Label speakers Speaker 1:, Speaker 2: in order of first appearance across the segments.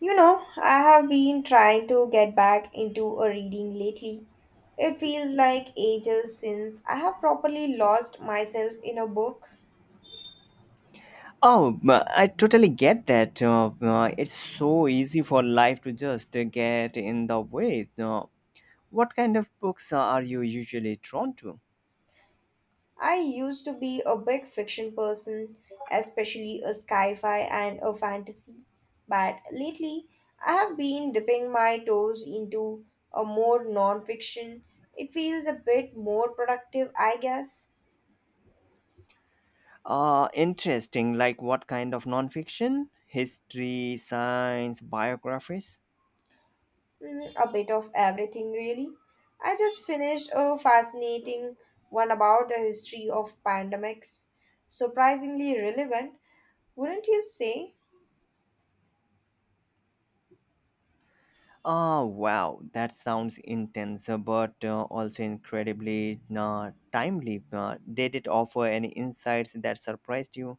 Speaker 1: You know, I have been trying to get back into a reading lately. It feels like ages since I have properly lost myself in a book.
Speaker 2: Oh, I totally get that. It's so easy for life to just get in the way. What kind of books are you usually drawn to?
Speaker 1: I used to be a big fiction person, especially a sci-fi and a fantasy, but lately I have been dipping my toes into a more non-fiction. It feels a bit more productive, I guess.
Speaker 2: Interesting. Like what kind of nonfiction? History, science, biographies?
Speaker 1: Mm, a bit of everything, really. I just finished a fascinating one about the history of pandemics. Surprisingly relevant, wouldn't you say?
Speaker 2: Oh, wow. That sounds intense, but also incredibly timely. Did it offer any insights that surprised you?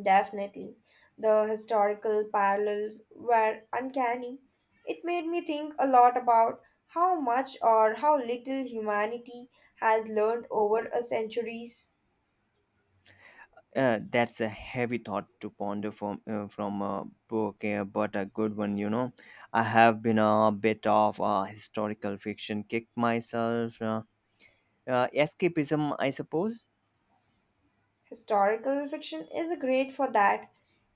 Speaker 1: Definitely. The historical parallels were uncanny. It made me think a lot about how much or how little humanity has learned over a centuries.
Speaker 2: That's a heavy thought to ponder from from a book, but a good one. I have been a bit of a historical fiction kick myself. Escapism, I suppose.
Speaker 1: Historical fiction is great for that.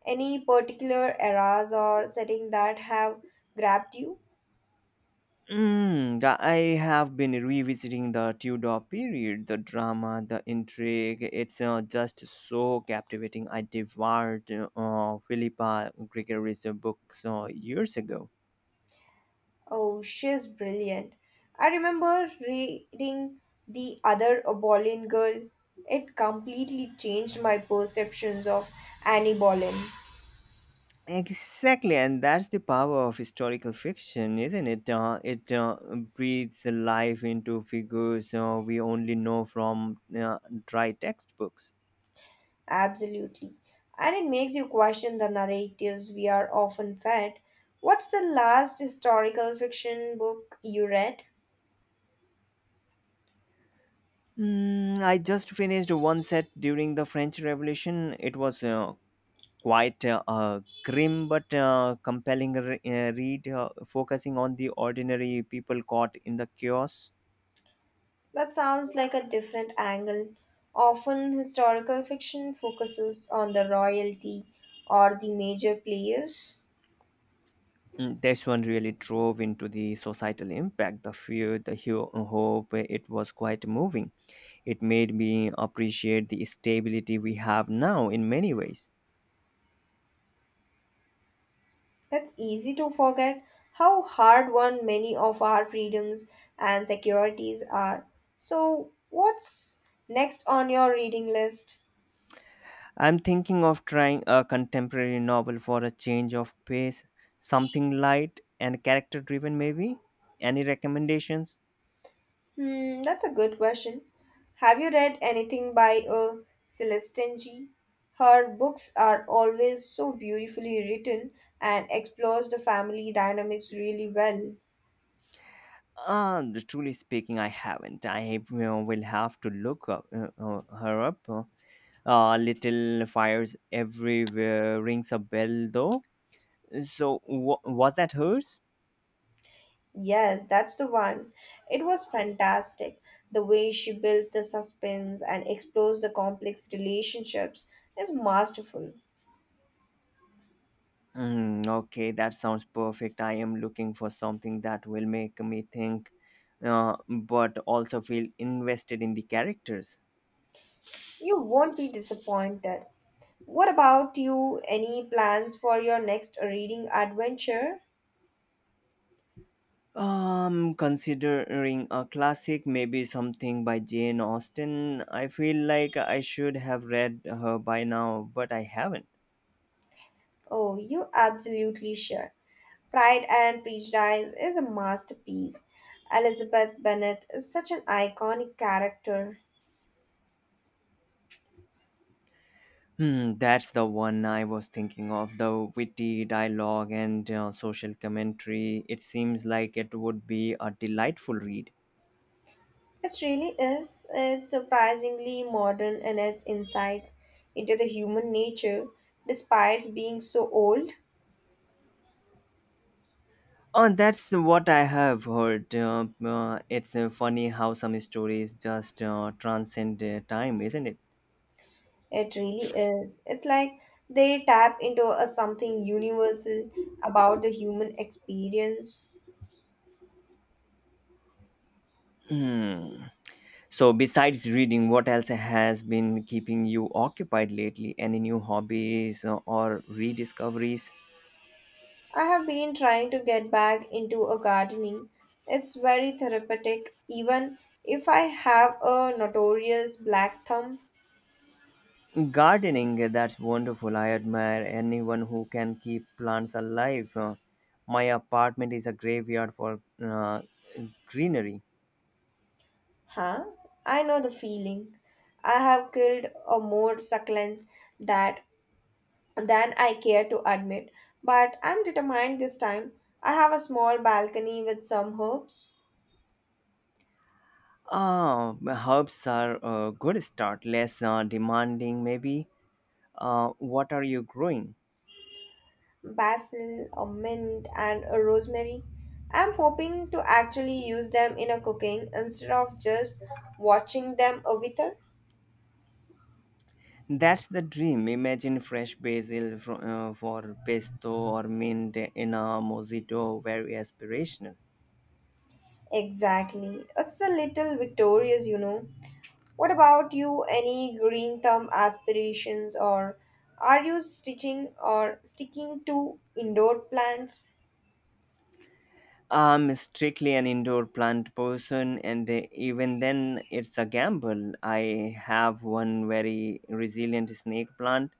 Speaker 1: Any particular eras or setting that have grabbed you?
Speaker 2: Mm, I have been revisiting the Tudor period, the drama, the intrigue. It's just so captivating. I devoured Philippa Gregory's books years ago.
Speaker 1: Oh, she's brilliant. I remember reading The Other Boleyn Girl. It completely changed my perceptions of Annie Boleyn.
Speaker 2: Exactly, and that's the power of historical fiction, isn't it? It breathes life into figures we only know from dry textbooks.
Speaker 1: Absolutely. And it makes you question the narratives we are often fed. What's the last historical fiction book you read?
Speaker 2: Mm, I just finished one set during the French Revolution. It was quite a grim but compelling read, focusing on the ordinary people caught in the chaos.
Speaker 1: That sounds like a different angle. Often, historical fiction focuses on the royalty or the major players.
Speaker 2: Mm, this one really drove into the societal impact, the fear, the hope. It was quite moving. It made me appreciate the stability we have now in many ways.
Speaker 1: That's easy to forget how hard won many of our freedoms and securities are. So, what's next on your reading list?
Speaker 2: I'm thinking of trying a contemporary novel for a change of pace, something light and character driven, maybe. Any recommendations?
Speaker 1: Hmm, that's a good question. Have you read anything by Celestine G? Her books are always so beautifully written and explores the family dynamics really well.
Speaker 2: Uh, Truly speaking, I haven't. I will have to look her up. Little Fires Everywhere rings a bell, though. So, wa was that hers?
Speaker 1: Yes, that's the one. It was fantastic. The way she builds the suspense and explores the complex relationships is masterful.
Speaker 2: Mm, okay, that sounds perfect. I am looking for something that will make me think, but also feel invested in the characters.
Speaker 1: You won't be disappointed. What about you? Any plans for your next reading adventure?
Speaker 2: Considering a classic, maybe something by Jane Austen. I feel like I should have read her by now, but I haven't.
Speaker 1: Oh, you absolutely sure. Pride and Prejudice is a masterpiece. Elizabeth Bennet is such an iconic character.
Speaker 2: Hmm, that's the one I was thinking of. The witty dialogue and social commentary. It seems like it would be a delightful read.
Speaker 1: It really is. It's surprisingly modern in its insights into the human nature, despite being so old.
Speaker 2: Oh, that's what I have heard. It's funny how some stories just transcend time, isn't it?
Speaker 1: It really is. It's like they tap into a something universal about the human experience.
Speaker 2: Hmm. So, besides reading, what else has been keeping you occupied lately? Any new hobbies or rediscoveries?
Speaker 1: I have been trying to get back into a gardening. It's very therapeutic, even if I have a notorious black thumb.
Speaker 2: Gardening, that's wonderful. I admire anyone who can keep plants alive. My apartment is a graveyard for greenery.
Speaker 1: Huh? I know the feeling. I have killed a more succulents that than I care to admit, but I'm determined this time. I have a small balcony with some herbs
Speaker 2: Herbs are a good start, less demanding, maybe. What are you growing?
Speaker 1: basil, a mint, and a rosemary. I'm hoping to actually use them in a cooking instead of just watching them a wither.
Speaker 2: That's the dream. Imagine fresh basil for pesto or mint in a mojito, very aspirational.
Speaker 1: Exactly. It's a little victorious, you know. What about you? Any green thumb aspirations or are you stitching or sticking to indoor plants?
Speaker 2: I'm strictly an indoor plant person, and even then, it's a gamble. I have one very resilient snake plant,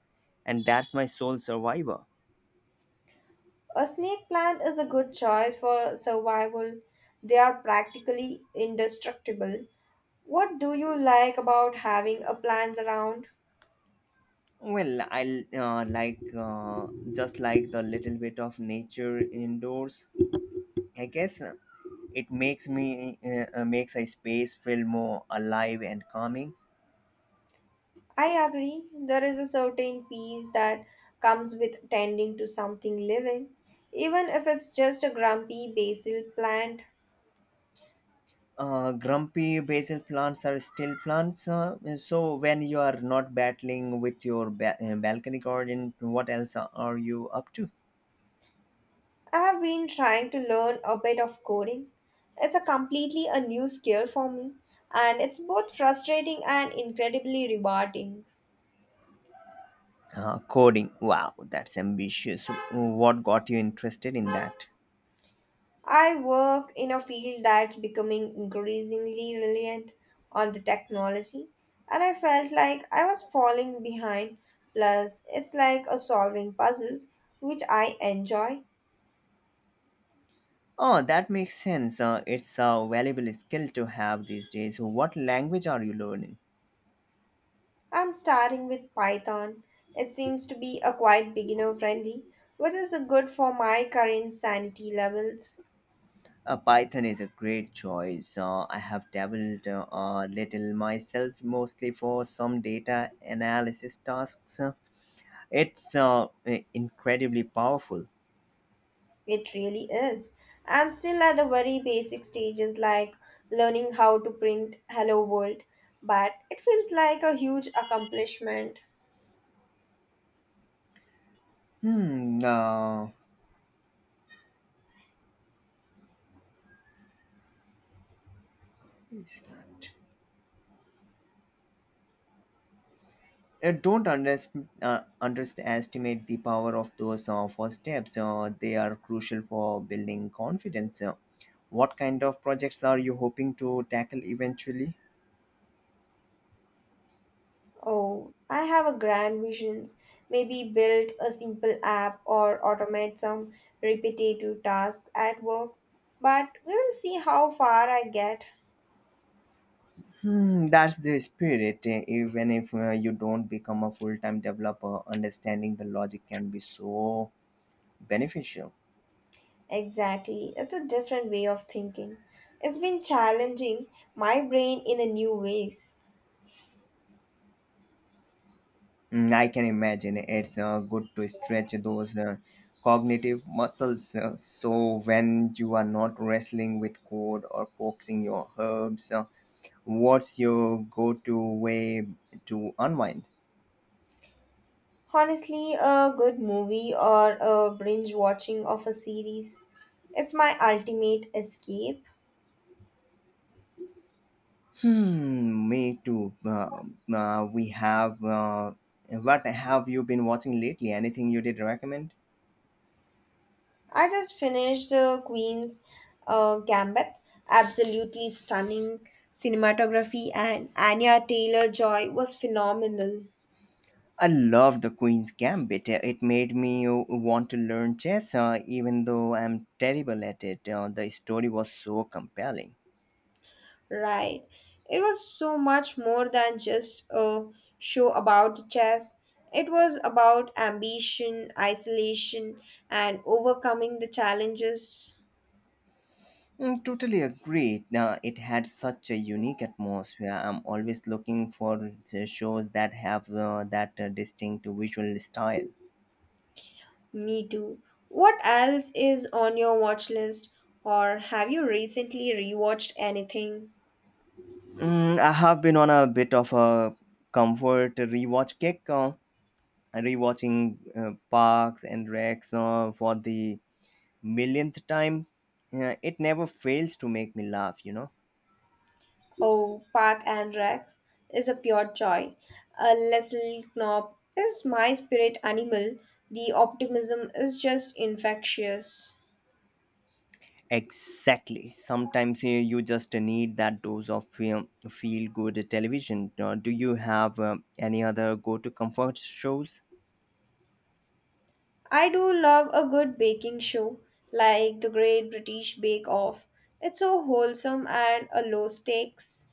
Speaker 2: and that's my sole survivor.
Speaker 1: A snake plant is a good choice for survival. They are practically indestructible. What do you like about having a plant around?
Speaker 2: Well, I just like the little bit of nature indoors. I guess it makes me makes a space feel more alive and calming.
Speaker 1: I agree, there is a certain peace that comes with tending to something living, even if it's just a grumpy basil plant.
Speaker 2: Grumpy basil plants are still plants. So when you are not battling with your balcony garden, what else are you up to?
Speaker 1: I have been trying to learn a bit of coding. It's a completely a new skill for me, and it's both frustrating and incredibly rewarding.
Speaker 2: Coding. Wow, that's ambitious. What got you interested in that?
Speaker 1: I work in a field that's becoming increasingly reliant on the technology, and I felt like I was falling behind. Plus, it's like a solving puzzles, which I enjoy.
Speaker 2: Oh, that makes sense. It's a valuable skill to have these days. What language are you learning?
Speaker 1: I'm starting with Python. It seems to be a quite beginner friendly, which is good for my current sanity levels.
Speaker 2: Python is a great choice. I have dabbled a little myself, mostly for some data analysis tasks. It's incredibly powerful.
Speaker 1: It really is. I'm still at the very basic stages like learning how to print Hello World, but it feels like a huge accomplishment.
Speaker 2: Hmm, uh, is that? Don't underestimate the power of those first steps. They are crucial for building confidence. What kind of projects are you hoping to tackle eventually?
Speaker 1: Oh, I have a grand vision. Maybe build a simple app or automate some repetitive tasks at work. But we'll see how far I get.
Speaker 2: Hmm, that's the spirit. Even if you don't become a full time developer, understanding the logic can be so beneficial.
Speaker 1: Exactly. It's a different way of thinking. It's been challenging my brain in a new ways.
Speaker 2: Mm, I can imagine it's good to stretch those cognitive muscles. So, when you are not wrestling with code or coaxing your herbs, what's your go to way to unwind?
Speaker 1: Honestly, a good movie or a binge watching of a series. It's my ultimate escape.
Speaker 2: Hmm, me too. We have. What have you been watching lately? Anything you did recommend?
Speaker 1: I just finished Queen's Gambit. Absolutely stunning cinematography, and Anya Taylor Joy was phenomenal,
Speaker 2: I love the Queen's Gambit. It made me want to learn chess, even though I'm terrible at it. The story was so compelling.
Speaker 1: right? It was so much more than just a show about chess. It was about ambition, isolation, and overcoming the challenges.
Speaker 2: Mm, totally agree. Now it had such a unique atmosphere. I'm always looking for the shows that have that distinct visual style.
Speaker 1: Me too. What else is on your watch list, or have you recently rewatched anything?
Speaker 2: Mm, I have been on a bit of a comfort rewatch kick. Rewatching Parks and Recs for the millionth time, it never fails to make me laugh.
Speaker 1: Oh, Park and Rec is a pure joy. Leslie Knope is my spirit animal. The optimism is just infectious.
Speaker 2: Exactly. Sometimes you just need that dose of feel good television. Do you have any other go to comfort shows?
Speaker 1: I do love a good baking show, like the Great British Bake Off. It's so wholesome and a low stakes.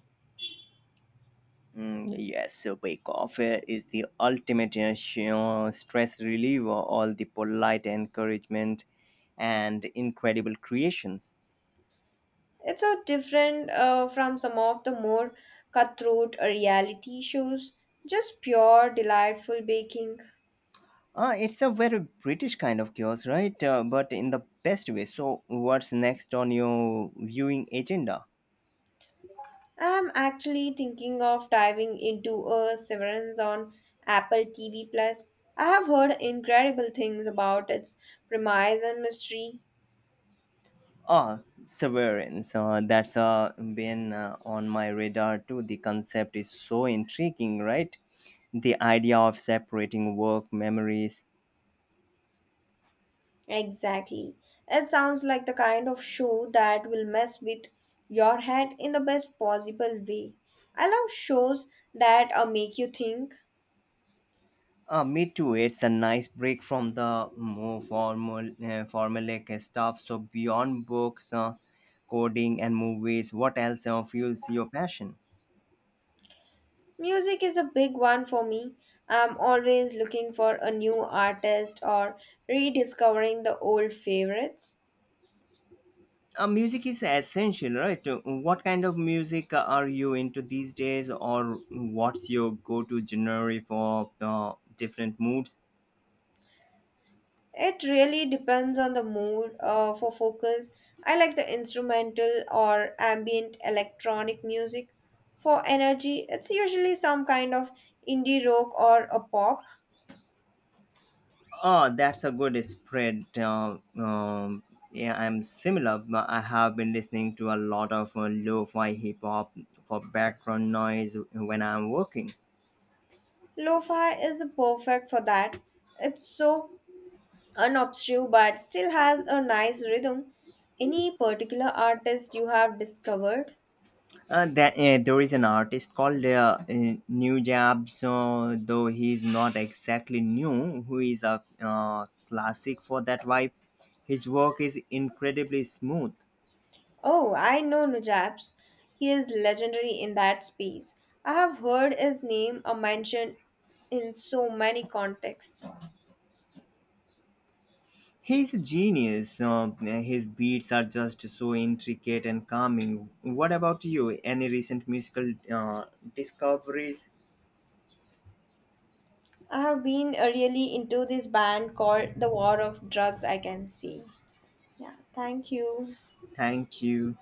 Speaker 2: Mm, yes, so Bake Off is the ultimate stress reliever, all the polite encouragement and incredible creations.
Speaker 1: It's so different from some of the more cutthroat reality shows. Just pure, delightful baking.
Speaker 2: It's a very British kind of chaos, right? But in the best way. So, what's next on your viewing agenda?
Speaker 1: I'm actually thinking of diving into a Severance on Apple TV Plus. I have heard incredible things about its premise and mystery.
Speaker 2: Ah, Severance. That's been on my radar too. The concept is so intriguing, right? The idea of separating work memories.
Speaker 1: Exactly. It sounds like the kind of show that will mess with your head in the best possible way. I love shows that make you think.
Speaker 2: Me too. It's a nice break from the more formulaic stuff. So, beyond books, coding, and movies, what else fuels your passion?
Speaker 1: Music is a big one for me. I'm always looking for a new artist or rediscovering the old favorites.
Speaker 2: Music is essential, right? What kind of music are you into these days, or what's your go-to genre for different moods?
Speaker 1: It really depends on the mood for focus. I like the instrumental or ambient electronic music. For energy, it's usually some kind of indie rock or a pop.
Speaker 2: Oh, that's a good spread. Yeah, I'm similar, but I have been listening to a lot of lo-fi hip hop for background noise when I'm working.
Speaker 1: Lo-fi is perfect for that. It's so unobtrusive but still has a nice rhythm. Any particular artist you have discovered?
Speaker 2: There is an artist called New Jab, so though he's not exactly new, who is a classic for that vibe. His work is incredibly smooth.
Speaker 1: Oh, I know Nujabs. He is legendary in that space. I have heard his name mentioned in so many contexts.
Speaker 2: He's a genius. So, his beats are just so intricate and calming. What about you? Any recent musical discoveries?
Speaker 1: I have been really into this band called The War of Drugs, I can see. Yeah, thank you.
Speaker 2: Thank you.